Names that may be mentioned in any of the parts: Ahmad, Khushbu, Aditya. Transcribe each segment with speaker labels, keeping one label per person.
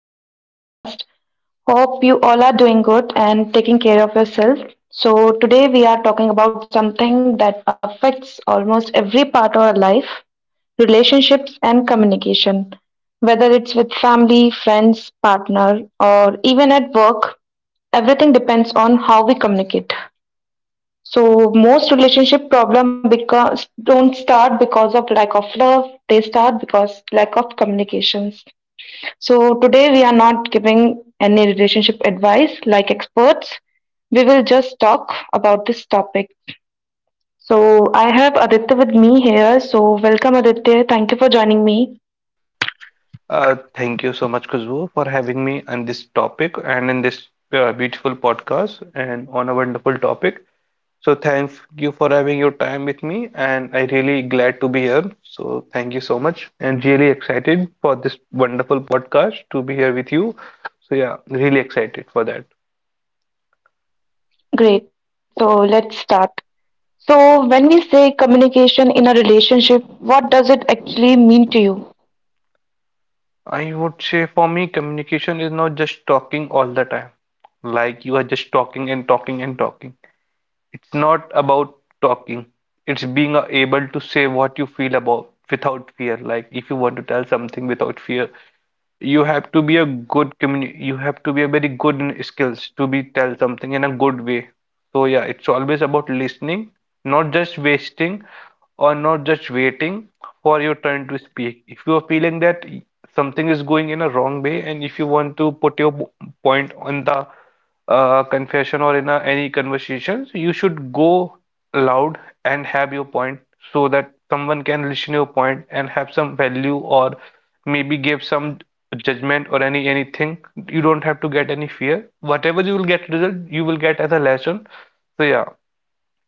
Speaker 1: back to the podcast. Hope you all are doing good and taking care of yourself. So, today we are talking about something that affects almost every part of our life relationships and communication. Whether it's with family, friends, partner, or even at work, everything depends on how we communicate. So most relationship problem because don't start because of lack of love. They start because lack of communications. So today we are not giving any relationship advice like experts. We will just talk about this topic. So I have Aditya with me here. So welcome Aditya. Thank you for joining me.
Speaker 2: Thank you so much, Khushbu, for having me on this topic and in this beautiful podcast and on a wonderful topic. So thank you for having your time with me, and I really glad to be here. So thank you so much, and really excited for this wonderful podcast to be here with you. So yeah, really excited for that.
Speaker 1: Great. So let's start. So when we say communication in a relationship, what does it actually mean to you?
Speaker 2: I would say for me, communication is not just talking all the time, like you are just talking and talking and talking. It's not about talking. It's being able to say what you feel about without fear. Like if you want to tell something without fear, you have to be a good communi you have to be a very good in skills to be tell something in a good way. So yeah, it's always about listening, not just wasting or not just waiting for your turn to speak. If you are feeling that something is going in a wrong way, and if you want to put your point on the confession or in any conversations, you should go loud and have your point so that someone can listen your point and have some value or maybe give some judgment or any anything you don't have to get any fear whatever you will get result you will get as a lesson. So yeah,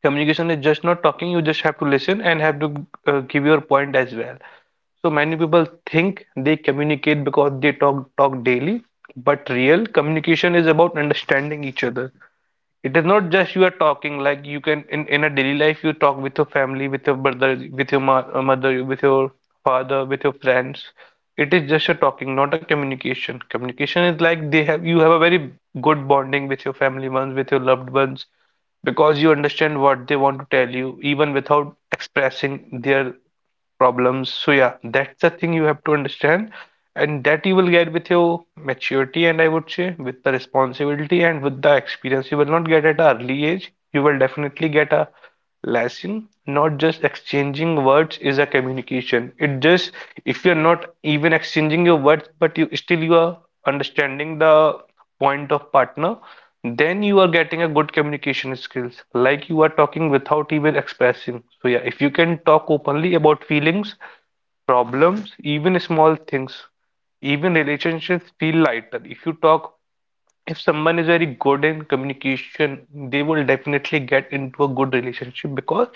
Speaker 2: communication is just not talking. You just have to listen and have to give your point as well. So many people think they communicate because they talk daily, but real communication is about understanding each other. It is not just you are talking. Like you can in a daily life you talk with your family, with your brother, with your ma mother, with your father, with your friends. It is just a talking, not a communication. Communication is like they have you have a very good bonding with your family ones, with your loved ones, because you understand what they want to tell you, even without expressing their problems. So yeah, that's the thing you have to understand, and that you will get with your maturity, and I would say with the responsibility and with the experience. You will not get at an early age. You will definitely get a lesson. Not just exchanging words is a communication. It just if you're not even exchanging your words, but you are understanding the point of partner, then you are getting a good communication skills. Like you are talking without even expressing. So yeah, if you can talk openly about feelings, problems, even small things, even relationships feel lighter. If you talk, if someone is very good in communication, they will definitely get into a good relationship because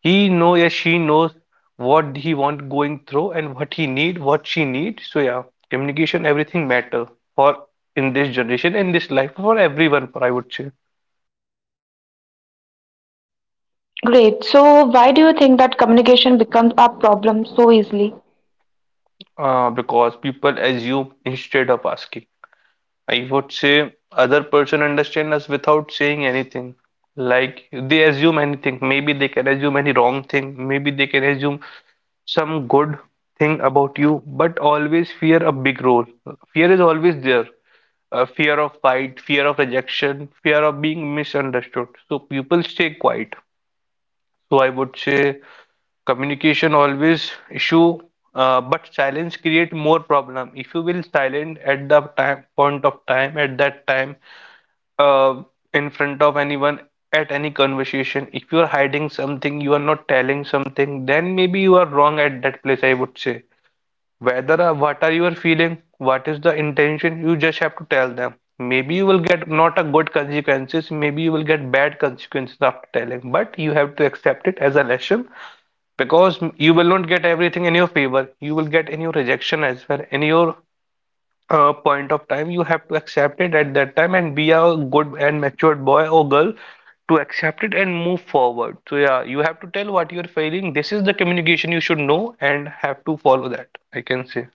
Speaker 2: he know yeah she knows what he want going through and what he need what she need. So yeah, communication everything matter for in this generation in this life for everyone for I would say.
Speaker 1: Great. So, why do you think that communication becomes a problem so easily?
Speaker 2: Because people assume instead of asking. I would say other person understand us without saying anything. Like they assume anything. Maybe they can assume any wrong thing. Maybe they can assume some good thing about you, but always fear a big role. Fear is always there. Fear of fight, fear of rejection, fear of being misunderstood. So people stay quiet. So I would say communication always issue, but silence create more problem. If you will silent at the time point of time at that time uh, in front of anyone at any conversation, if you are hiding something, you are not telling something, then maybe you are wrong at that place, I would say. Whether what are you are feeling, what is the intention, you just have to tell them. Maybe you will get not a good consequences, maybe you will get bad consequences after telling, but you have to accept it as a lesson, because you will not get everything in your favor, you will get in your rejection as well. In your point of time you have to accept it at that time and be a good and matured boy or girl to accept it and move forward. So yeah, you have to tell what you're feeling. This is the communication you should know and have to follow that, I can say.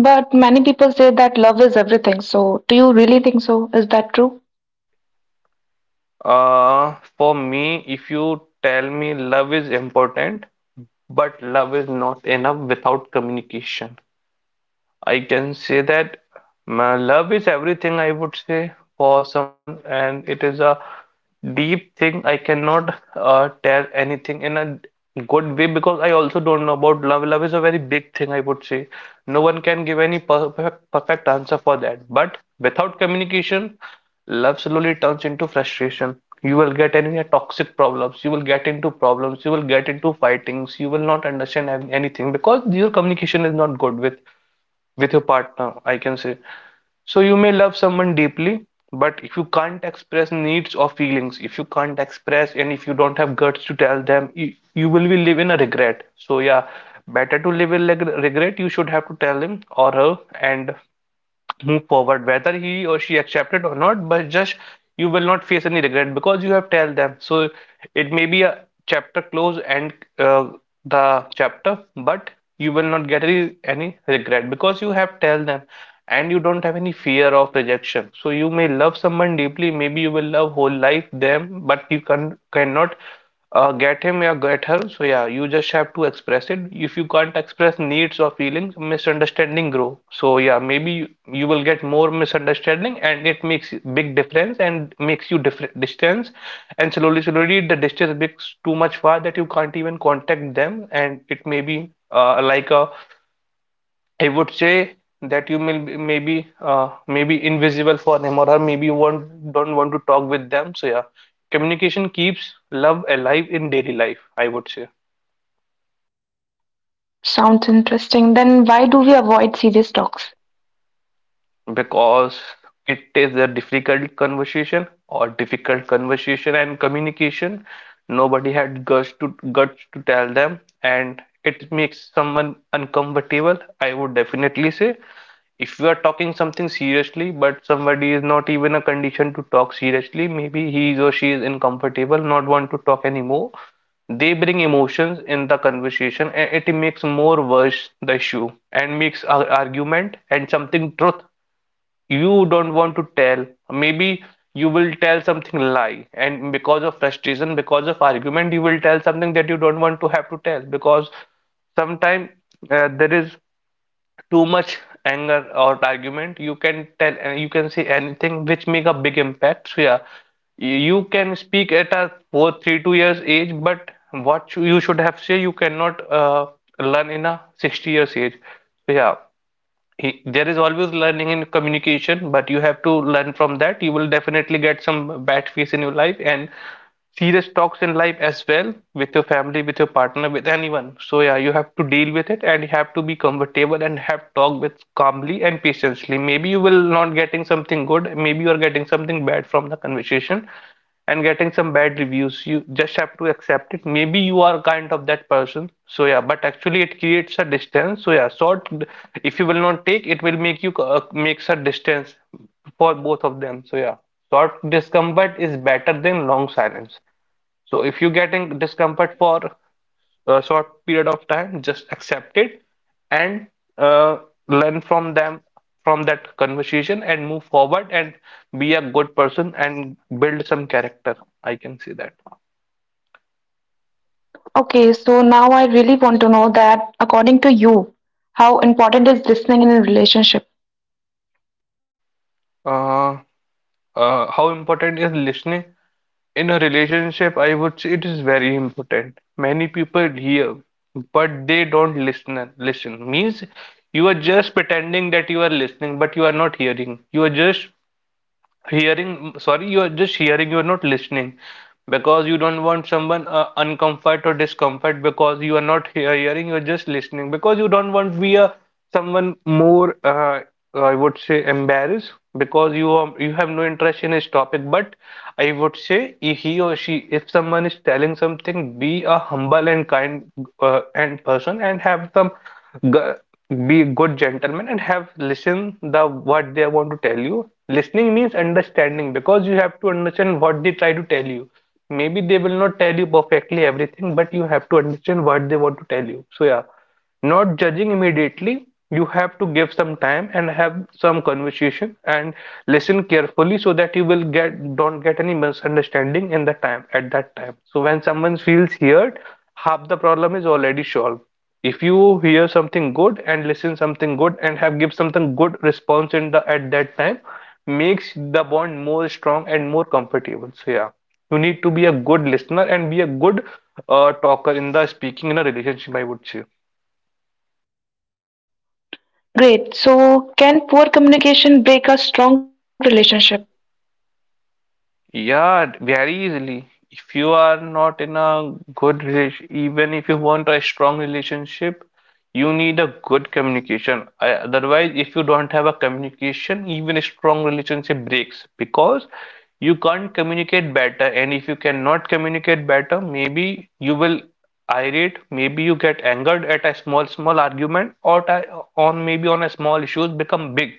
Speaker 1: But many people say that love is everything. So, do you really think so? Is that true?
Speaker 2: For me, if you tell me love is important, but love is not enough without communication. I can say that my love is everything, I would say, for someone, and it is a deep thing. I cannot tell anything in a good way because I also don't know about love. Love is a very big thing, I would say. No one can give any perfect, perfect answer for that. But without communication, love slowly turns into frustration. You will get any toxic problems, you will get into problems, you will get into fightings, you will not understand anything because your communication is not good with your partner, I can say. So you may love someone deeply, but if you can't express needs or feelings, if you can't express and if you don't have guts to tell them, you will be live in a regret. So yeah, better to live in regret. You should have to tell him or her and move forward whether he or she accepted or not, but just you will not face any regret because you have tell them. So it may be a chapter close and uh, the chapter, but you will not get any regret because you have tell them, and you don't have any fear of rejection. So you may love someone deeply, maybe you will love whole life them, but you cannot get him or get her. So yeah, you just have to express it. If you can't express needs or feelings, misunderstanding grow. So yeah, maybe you will get more misunderstanding, and it makes big difference and makes you different distance, and slowly the distance becomes too much far that you can't even contact them, and it may be like a I would say that you may maybe invisible for them, or maybe you want don't want to talk with them. So yeah, communication keeps love alive in daily life, I would say.
Speaker 1: Sounds interesting. Then, why do we avoid serious talks?
Speaker 2: Because it is a difficult conversation or difficult conversation and communication. Nobody had guts to tell them, and it makes someone uncomfortable. I would definitely say if you are talking something seriously, but somebody is not even a condition to talk seriously, maybe he is or she is uncomfortable, not want to talk anymore. They bring emotions in the conversation, and it makes more worse the issue and makes our argument and something truth you don't want to tell. Maybe you will tell something lie, and because of frustration, because of argument, you will tell something that you don't want to have to tell. Because sometimes there is too much anger or argument, you can tell and you can say anything which make a big impact. So yeah, you can speak at a 4 3 2 years age, but what you should have say you cannot learn in a 60 years age. So yeah, there is always learning in communication, but you have to learn from that. You will definitely get some bad phase in your life and serious talks in life as well, with your family, with your partner, with anyone. So yeah, you have to deal with it, and you have to be comfortable and have talk with calmly and patiently. Maybe you will not getting something good, maybe you are getting something bad from the conversation and getting some bad reviews. You just have to accept it. Maybe you are kind of that person. So yeah, but actually it creates a distance. So yeah, sort if you will not take, it will make you makes a distance for both of them. So yeah, short discomfort is better than long silence. So if you getting discomfort for a short period of time, just accept it and uh, learn from them from that conversation and move forward and be a good person and build some character, I can see that.
Speaker 1: Okay, so now I really want to know that, according to you, how important is listening in a relationship?
Speaker 2: uh, how important is listening in a relationship? I would say it is very important. Many people hear, but they don't listen. Listen means you are just pretending that you are listening, but you are not hearing. You are just you are just hearing, you are not listening, because you don't want someone uncomfort or discomfort, because you are not hearing, you are just listening, because you don't want be a someone more, I would say, embarrassed, because you have no interest in his topic. But I would say if he or she, if someone is telling something, be a humble and kind and person and have some. G- be a good gentleman and have listen the what they want to tell you. Listening means understanding because you have to understand what they try to tell you. Maybe they will not tell you perfectly everything, but you have to understand what they want to tell you. So yeah, not judging immediately. You have to give some time and have some conversation and listen carefully so that you will get don't get any misunderstanding in the time at that time. So when someone feels heard, half the problem is already solved if you hear something good and listen something good and have give something good response in the at that time makes the bond more strong and more comfortable. So yeah, you need to be a good listener and be a good talker in the speaking in a relationship, I would say.
Speaker 1: Great. So, can poor communication break a strong relationship?
Speaker 2: Yeah, very easily. If you are not in a good relation, even if you want a strong relationship, you need a good communication. Otherwise, if you don't have a communication, even a strong relationship breaks because you can't communicate better. And if you cannot communicate better, maybe you will irate, maybe you get angered at a small, small argument, or on maybe on a small issues become big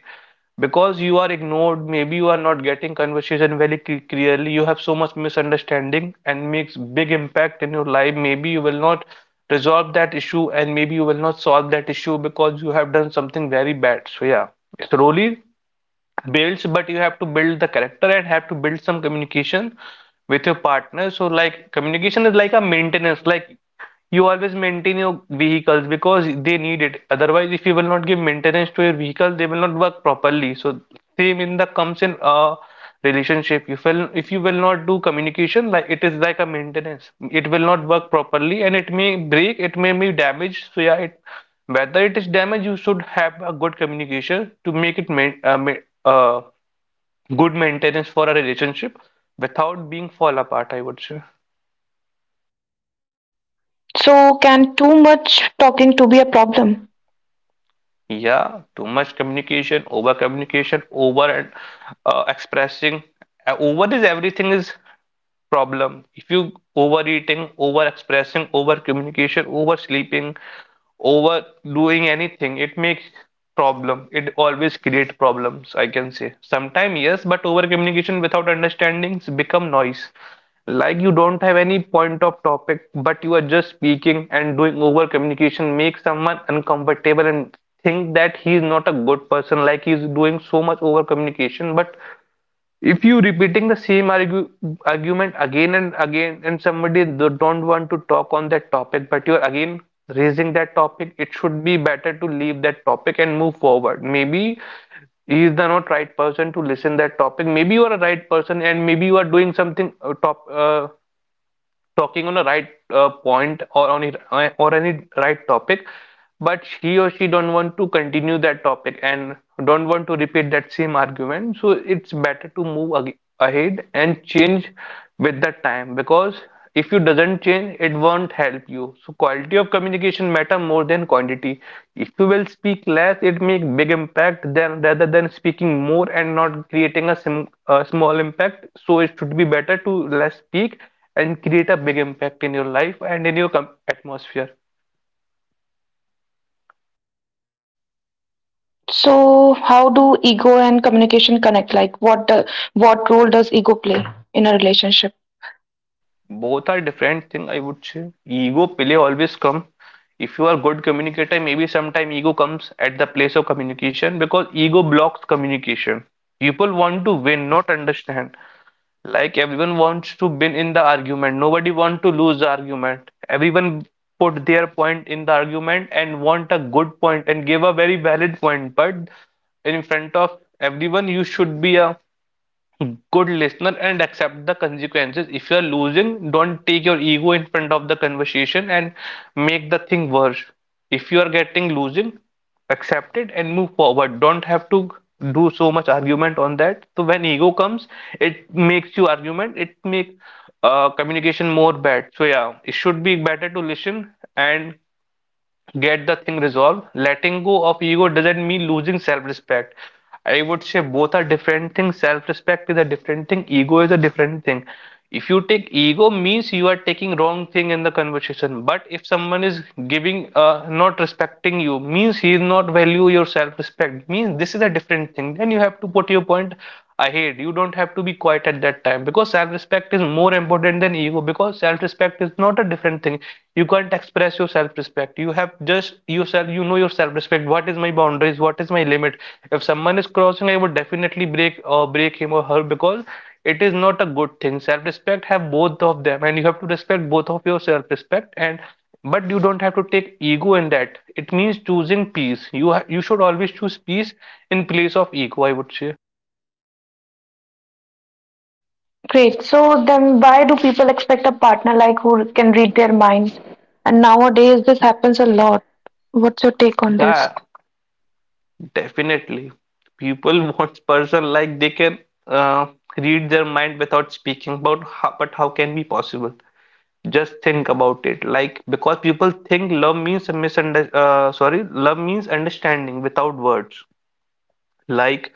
Speaker 2: because you are ignored, maybe you are not getting conversation very clearly, you have so much misunderstanding and makes big impact in your life. Maybe you will not resolve that issue and maybe you will not solve that issue because you have done something very bad. So yeah, slowly builds, but you have to build the character and have to build some communication with your partner. So like, communication is like a maintenance. Like, you always maintain your vehicles because they need it. Otherwise, if you will not give maintenance to your vehicle, they will not work properly. So same in the comes in a relationship. You will, if you will not do communication, like it is like a maintenance, it will not work properly and it may break, it may be damaged. So yeah, it, whether it is damaged, you should have a good communication to make it uh, good maintenance for a relationship without being fall apart, I would say.
Speaker 1: So, can too much talking to be a problem?
Speaker 2: Yeah, too much communication, over communication, over and expressing. Over is everything is problem. If you overeating, overexpressing, over communication, oversleeping, overdoing anything, it makes problem. It always create problems, I can say. Sometimes yes, but over communication without understandings become noise. Like, you don't have any point of topic, but you are just speaking and doing over communication makes someone uncomfortable and think that he is not a good person, like he is doing so much over communication. But if you repeating the same argument again and again and somebody don't want to talk on that topic, but you're again raising that topic, it should be better to leave that topic and move forward. Maybe he is the not right person to listen that topic. Maybe you are a right person and maybe you are doing something top talking on a right point, or on it or any right topic, but he or she don't want to continue that topic and don't want to repeat that same argument. So it's better to move ahead and change with the time, because if you doesn't change, it won't help you. So quality of communication matter more than quantity. If you will speak less, it make big impact than rather than speaking more and not creating a small impact. So it should be better to less speak and create a big impact in your life and in your com atmosphere.
Speaker 1: So, how do ego and communication connect? Like, what role does ego play in a relationship?
Speaker 2: Both are different thing, I would say. Ego play always come. If you are good communicator, maybe sometime ego comes at the place of communication because ego blocks communication. People want to win, not understand. Like, everyone wants to win in the argument. Nobody want to lose the argument. Everyone put their point in the argument and want a good point and give a very valid point. But in front of everyone, you should be a good listener and accept the consequences. If you are losing, don't take your ego in front of the conversation and make the thing worse. If you are getting losing, accept it and move forward. Don't have to do so much argument on that. So when ego comes, it makes you argument. It make communication more bad. So yeah, it should be better to listen and get the thing resolved. Letting go of ego doesn't mean losing self-respect. I would say both are different things. Self-respect is a different thing. Ego is a different thing. If you take ego means you are taking wrong thing in the conversation. But if someone is giving not respecting you means he is not value your self-respect means this is a different thing. Then you have to put your point ahead. You don't have to be quiet at that time because self-respect is more important than ego, because self-respect is not a different thing. You can't express your self-respect. You have just yourself, you know your self-respect. What is my boundaries? What is my limit? If someone is crossing, I would definitely break or break him or her, because it is not a good thing. Self-respect have both of them and you have to respect both of your self-respect, and but you don't have to take ego in that. It means choosing peace. You should always choose peace in place of ego, I would say.
Speaker 1: Great. So then, why do people expect a partner like who can read their mind? And nowadays, this happens a lot. What's your take on this?
Speaker 2: Yeah, definitely. People wants person like they can uh, read their mind without speaking about how, but how can be possible? Just think about it. Like, because people think love means a misunder sorry, love means understanding without words. Like,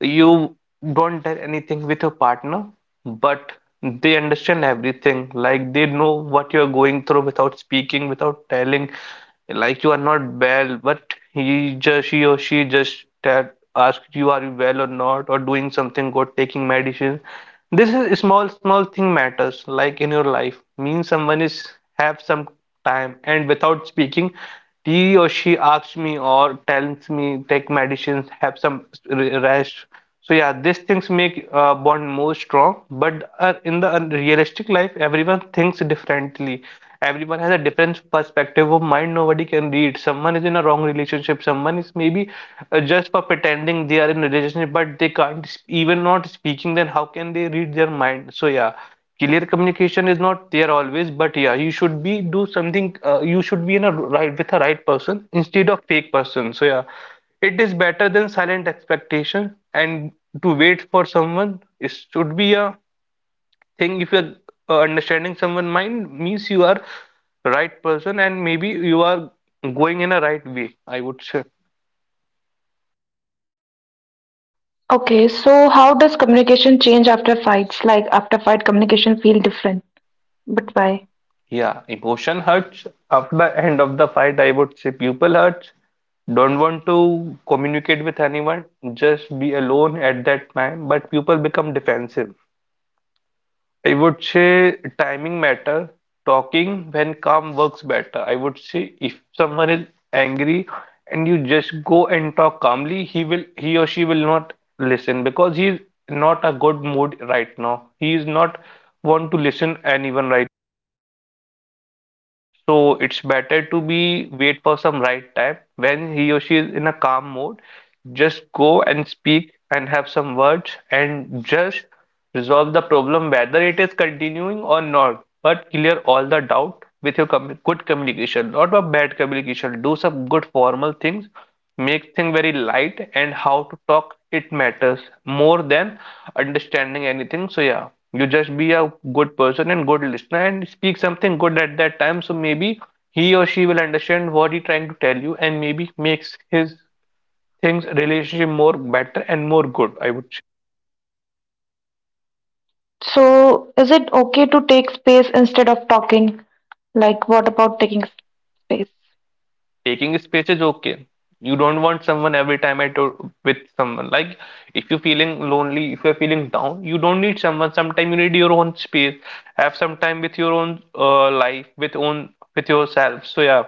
Speaker 2: you don't tell anything with your partner, but they understand everything. Like, they know what you're going through without speaking, without telling. Like, you are not well, but he or she just tell, ask you are you well or not, or doing something good, taking medicine. This is small small thing matters. Like, in your life, means someone is have some time and without speaking, he or she asks me or tells me take medicines, have some rest. So yeah, these things make bond more strong. But in the realistic life, everyone thinks differently. Everyone has a different perspective of mind. Nobody can read. Someone is in a wrong relationship. Someone is maybe just for pretending they are in a relationship, but they can't even not speaking. Then how can they read their mind? So yeah, clear communication is not there always. But yeah, you should be do something. You should be in a right with a right person instead of fake person. So yeah. It is better than silent expectation, and to wait for someone it should be a thing. If you're understanding someone' mind, means you are right person, and maybe you are going in a right way, I would say.
Speaker 1: Okay, so how does communication change after fights? Like after fight, communication feel different, but why?
Speaker 2: Yeah, emotion hurts. After the end of the fight, I would say people hurts. Don't want to communicate with anyone. Just be alone at that time. But people become defensive. I would say timing matter. Talking when calm works better. I would say if someone is angry and you just go and talk calmly, he or she will not listen because he is not a good mood right now. He is not want to listen anyone right, so it's better to be wait for some right time when he or she is in a calm mode. Just go and speak and have some words and just resolve the problem whether it is continuing or not. But clear all the doubt with your good communication, not a bad communication. Do some good formal things, make thing very light, and how to talk it matters more than understanding anything. So yeah, you just be a good person and good listener and speak something good at that time, so maybe he or she will understand what he trying to tell you and maybe makes his things relationship more better and more good, I would.
Speaker 1: So, is it okay to take space instead of talking? Like, what about taking space?
Speaker 2: Taking space is okay. You don't want someone every time with someone. Like, if you're feeling lonely, if you're feeling down, you don't need someone. Sometimes you need your own space. Have some time with your own life, with yourself. So yeah.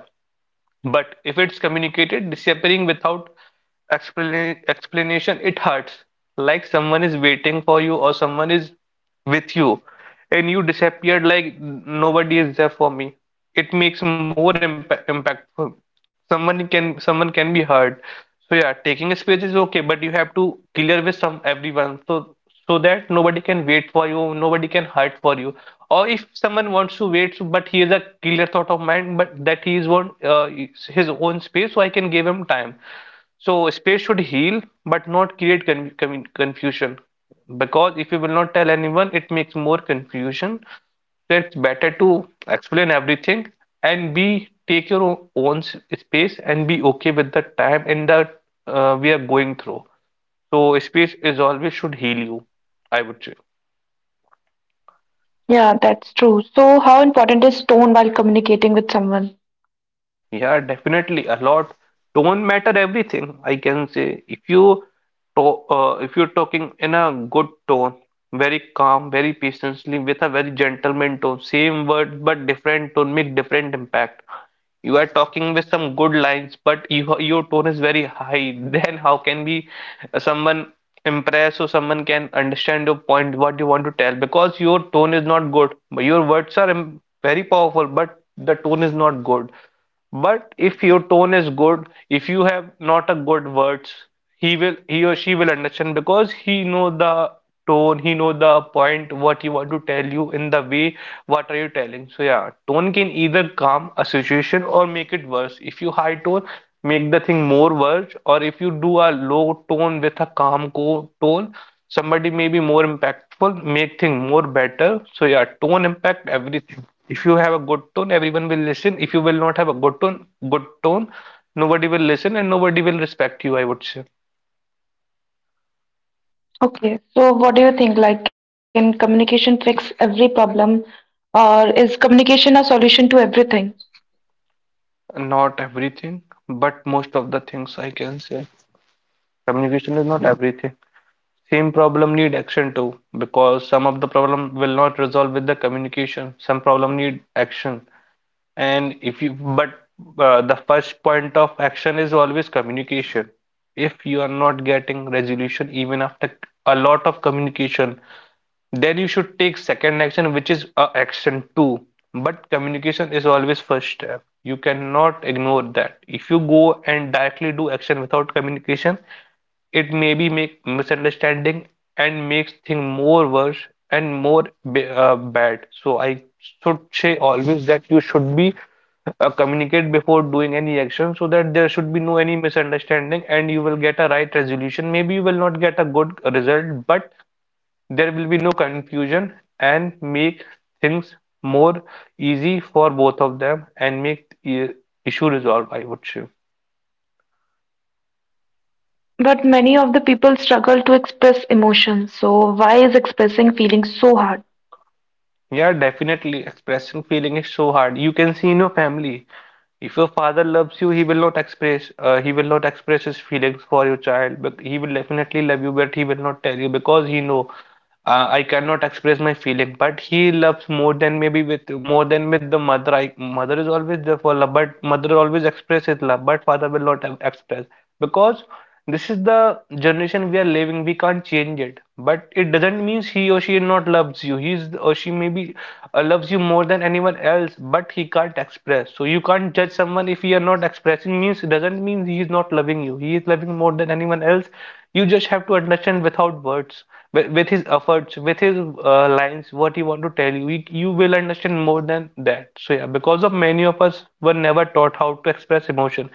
Speaker 2: But if it's communicated, disappearing without explanation, it hurts. Like, someone is waiting for you or someone is with you and you disappeared like nobody is there for me. It makes more impactful, someone can be hurt. So yeah, taking a space is okay, but you have to clear with some everyone, so that nobody can wait for you, nobody can hurt for you. Or if someone wants to but he has a clear thought of mind, but that he is want his own space, so I can give him time. So space should heal but not create confusion, because if you will not tell anyone, it makes more confusion. So it's better to explain everything and be take your own space and be okay with the time and that we are going through. So space is always should heal you, I would say.
Speaker 1: Yeah, that's true. So, how important is tone while communicating with someone?
Speaker 2: Yeah, definitely a lot. Tone matter everything. I can say if to, if you're talking in a good tone, very calm, very patiently, with a very gentleman tone, same word but different tone make different impact. You are talking with some good lines, but you, your tone is very high. Then how can be someone impress or someone can understand your point, what you want to tell? Because your tone is not good, but your words are very powerful, but the tone is not good. But if your tone is good, if you have not a good words, he or she will understand, because he know the tone, he know the point, what you want to tell you in the way, what are you telling. So yeah, tone can either calm a situation or make it worse. If you high tone, make the thing more worse, or if you do a low tone with a calm tone, somebody may be more impactful, make things more better. So yeah, tone impact everything. If you have a good tone, everyone will listen. If you will not have a good tone, nobody will listen and nobody will respect you, I would say.
Speaker 1: Okay, so what do you think? Like, can communication fix every problem, or is communication a solution to everything?
Speaker 2: Not everything, but most of the things I can say. Communication is not everything. Same problem need action too, because some of the problem will not resolve with the communication. Some problem need action. And if you, but the first point of action is always communication. If you are not getting resolution, even after a lot of communication, then you should take second action, which is a action two. But communication is always first step, you cannot ignore that. If you go and directly do action without communication, it may be make misunderstanding and makes thing more worse and more bad. So I should say always that you should be communicate before doing any action, so that there should be no any misunderstanding and you will get a right resolution. Maybe you will not get a good result, but there will be no confusion and make things more easy for both of them and make issue resolve, I would say.
Speaker 1: But many of the people struggle to express emotions, so why is expressing feelings so hard?
Speaker 2: Yeah, definitely expressing feeling is so hard. You can see in your family. If your father loves you, he will not express his feelings for your child, but he will definitely love you, but he will not tell you, because he know I cannot express my feeling, but he loves more than maybe with more than with the mother. I, mother is always there for love, but mother always expresses love, but father will not express, because this is the generation we are living. We can't change it, but it doesn't mean he or she not loves you. He or she maybe loves you more than anyone else, but he can't express. So you can't judge someone. If he are not expressing means doesn't mean he is not loving you. He is loving more than anyone else. You just have to understand without words, with his efforts, with his lines, what he want to tell you, you will understand more than that. So yeah, because of many of us were never taught how to express emotion.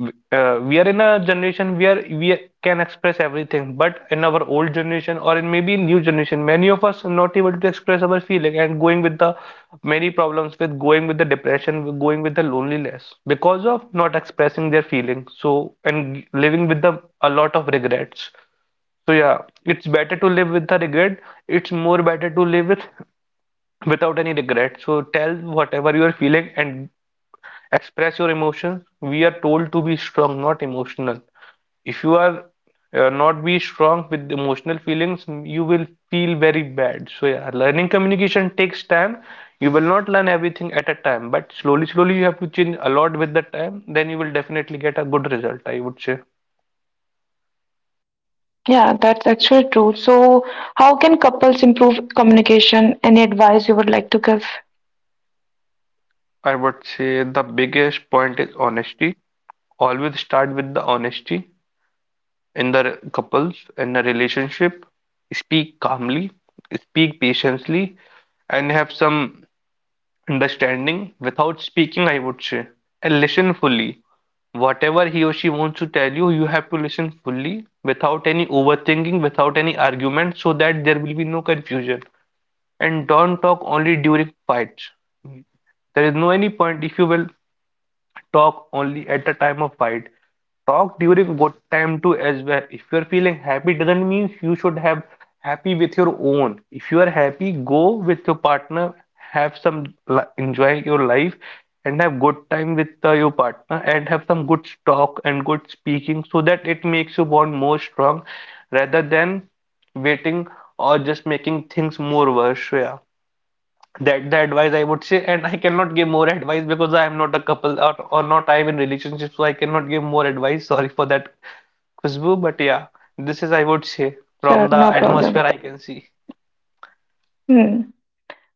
Speaker 2: We are in a generation where we can express everything, but in our old generation or in maybe new generation, many of us are not able to express our feeling and going with the many problems, with going with the depression, with going with the loneliness, because of not expressing their feelings. So and living with the a lot of regrets. So yeah, it's better to live with the regret. It's more better to live with without any regret. So tell whatever you are feeling and express your emotions. We are told to be strong, not emotional. If you are not be strong with emotional feelings, you will feel very bad. So yeah, learning communication takes time. You will not learn everything at a time, but slowly, slowly you have to change a lot with the time. Then you will definitely get a good result, I would say.
Speaker 1: Yeah, that's actually true. So, how can couples improve communication? Any advice you would like to give?
Speaker 2: I would say the biggest point is honesty. Always start with the honesty in the couples in the relationship. Speak calmly, speak patiently, and have some understanding without speaking, I would say. And listen fully. Whatever he or she wants to tell you, you have to listen fully without any overthinking, without any argument, so that there will be no confusion. And don't talk only during fights. There is no any point if you will talk only at the time of fight. Talk during good time too as well. If you're feeling happy, doesn't mean you should have happy with your own. If you are happy, go with your partner, have some enjoy your life, and have good time with your partner, and have some good talk and good speaking, so that it makes you bond more strong, rather than waiting or just making things more worse. Yeah. That the advice I would say, and I cannot give more advice because I am not a couple or not I am in relationship, so I cannot give more advice. Sorry for that, Khushbu, but yeah, this is I would say from
Speaker 1: Sure,
Speaker 2: the
Speaker 1: no
Speaker 2: atmosphere
Speaker 1: problem.
Speaker 2: I can see.
Speaker 1: Hmm.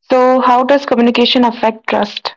Speaker 1: So, how does communication affect trust?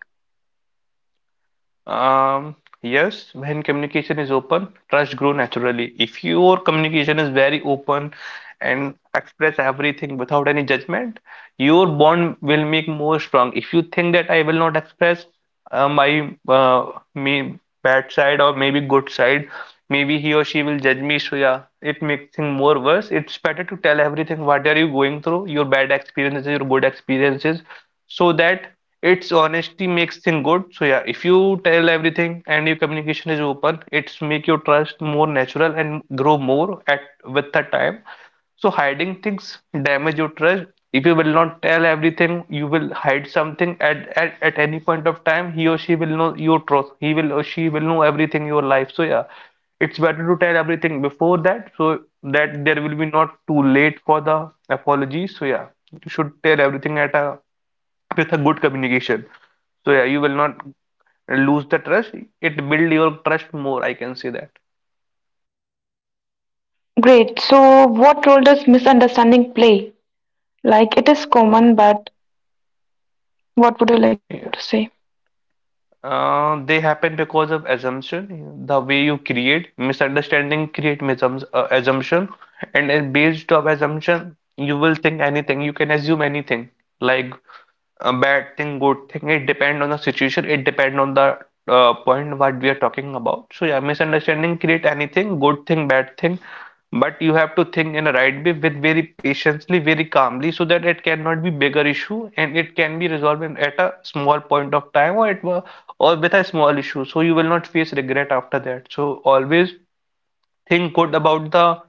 Speaker 2: Um, yes, when communication is open, trust grow naturally. If your communication is very open and express everything without any judgment, your bond will make more strong. If you think that I will not express my me bad side or maybe good side, maybe he or she will judge me. So yeah, it makes things more worse. It's better to tell everything what are you going through, your bad experiences, your good experiences, so that it's honesty makes thing good. So yeah, if you tell everything and your communication is open, it's make your trust more natural and grow more at with the time. So hiding things damage your trust. If you will not tell everything, you will hide something at any point of time, he or she will know your truth. He will or she will know everything in your life. So yeah, it's better to tell everything before that so that there will be not too late for the apology. So yeah, you should tell everything at a with a good communication. So yeah, you will not lose the trust. It build your trust more, I can say that.
Speaker 1: Great. So, what role does misunderstanding play? Like, it is common, but what would you like to
Speaker 2: Yeah.
Speaker 1: say?
Speaker 2: They happen because of assumption. The way you create misunderstanding create misums assumption, and then based off assumption, you will think anything. You can assume anything. Like a bad thing, good thing. It depend on the situation. It depend on the point what we are talking about. So yeah, misunderstanding create anything, good thing, bad thing. But you have to think in a right way with very patiently, very calmly, so that it cannot be bigger issue and it can be resolved at a small point of time or it or with a small issue. So you will not face regret after that. So always think good about the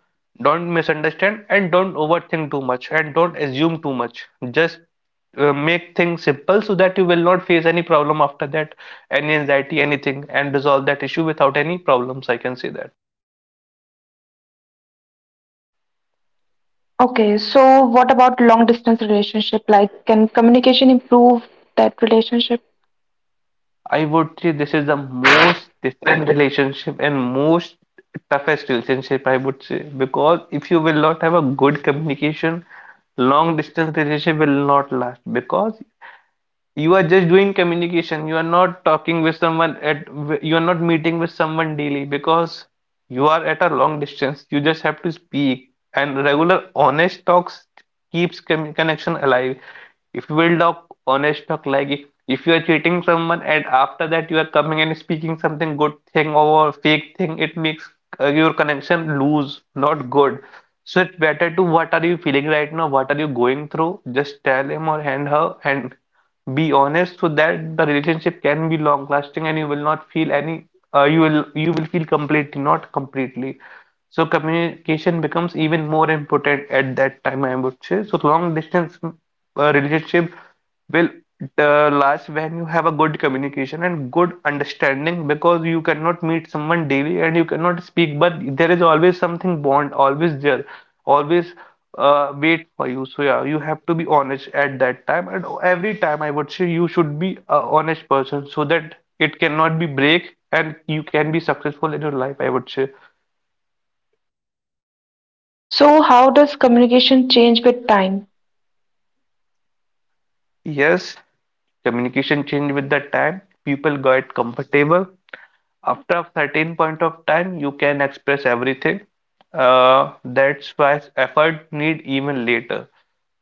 Speaker 2: don't misunderstand and don't overthink too much and don't assume too much, just make things simple so that you will not face any problem after that, any anxiety anything, and resolve that issue without any problems, I can say that.
Speaker 1: Okay, so what about long distance relationship? Like, can communication improve that relationship?
Speaker 2: I would say this is the most different relationship and most toughest relationship, I would say, because if you will not have a good communication, long distance relationship will not last, because you are just doing communication, you are not talking with someone at, you are not meeting with someone daily, because you are at a long distance. You just have to speak and regular honest talks keeps connection alive. If you will talk honest talk, like if you are cheating someone and after that you are coming and speaking something good thing or fake thing, it makes your connection loose, not good. So it's better to what are you feeling right now, what are you going through, just tell him or hand her and be honest, so that the relationship can be long lasting and you will not feel any you will feel completely not completely. So communication becomes even more important at that time, I would say. So long distance relationship will last when you have a good communication and good understanding, because you cannot meet someone daily and you cannot speak, but there is always something bond, always there, always wait for you. So yeah, you have to be honest at that time, and every time I would say you should be a honest person, so that it cannot be break and you can be successful in your life, I would say.
Speaker 1: So, how does communication change with time?
Speaker 2: Yes, communication changed with the time. People got comfortable. After a certain point of time, you can express everything. That's why effort need even later.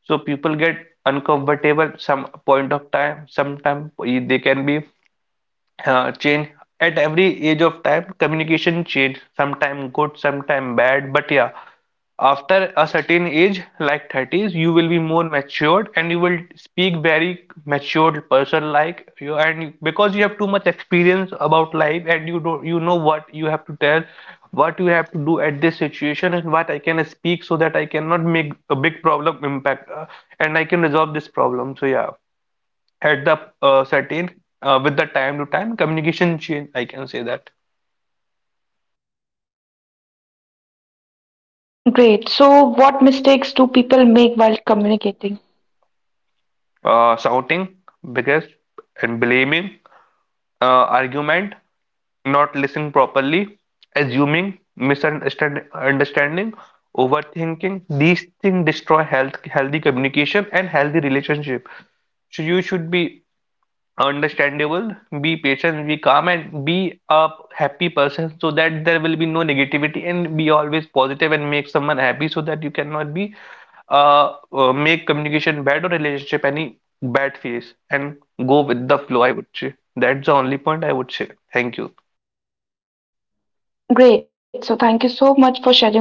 Speaker 2: So people get uncomfortable some point of time. Sometimes they can be change at every age of time, communication change, sometime good, sometime bad, but yeah, after a certain age like 30s you will be more matured and you will speak very matured person like you, and because you have too much experience about life and you don't, you know what you have to tell, what you have to do at this situation, and what I can speak so that I cannot make a big problem impact and I can resolve this problem. So yeah, at the certain with the time to time communication change, I can say that.
Speaker 1: Great. So, what mistakes do people make while communicating?
Speaker 2: Shouting, because, and blaming, argument, not listening properly, assuming, misunderstanding, overthinking, these things destroy healthy communication and healthy relationship. So you should be understandable, be patient, be calm, and be a happy person, so that there will be no negativity, and be always positive and make someone happy, so that you cannot be make communication bad or relationship any bad phase, and go with the flow. I would say that's the only point I would say. Thank you.
Speaker 1: Great. So, thank you so much for sharing your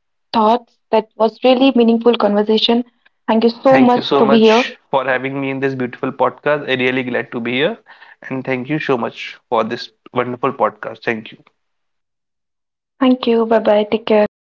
Speaker 1: thoughts. That was really meaningful conversation. Thank you so
Speaker 2: Thank
Speaker 1: much
Speaker 2: you
Speaker 1: to
Speaker 2: so
Speaker 1: be here.
Speaker 2: much for having me in this beautiful podcast. I really glad to be here, and thank you so much for this wonderful podcast. Thank you.
Speaker 1: Thank you. Bye bye. Take care.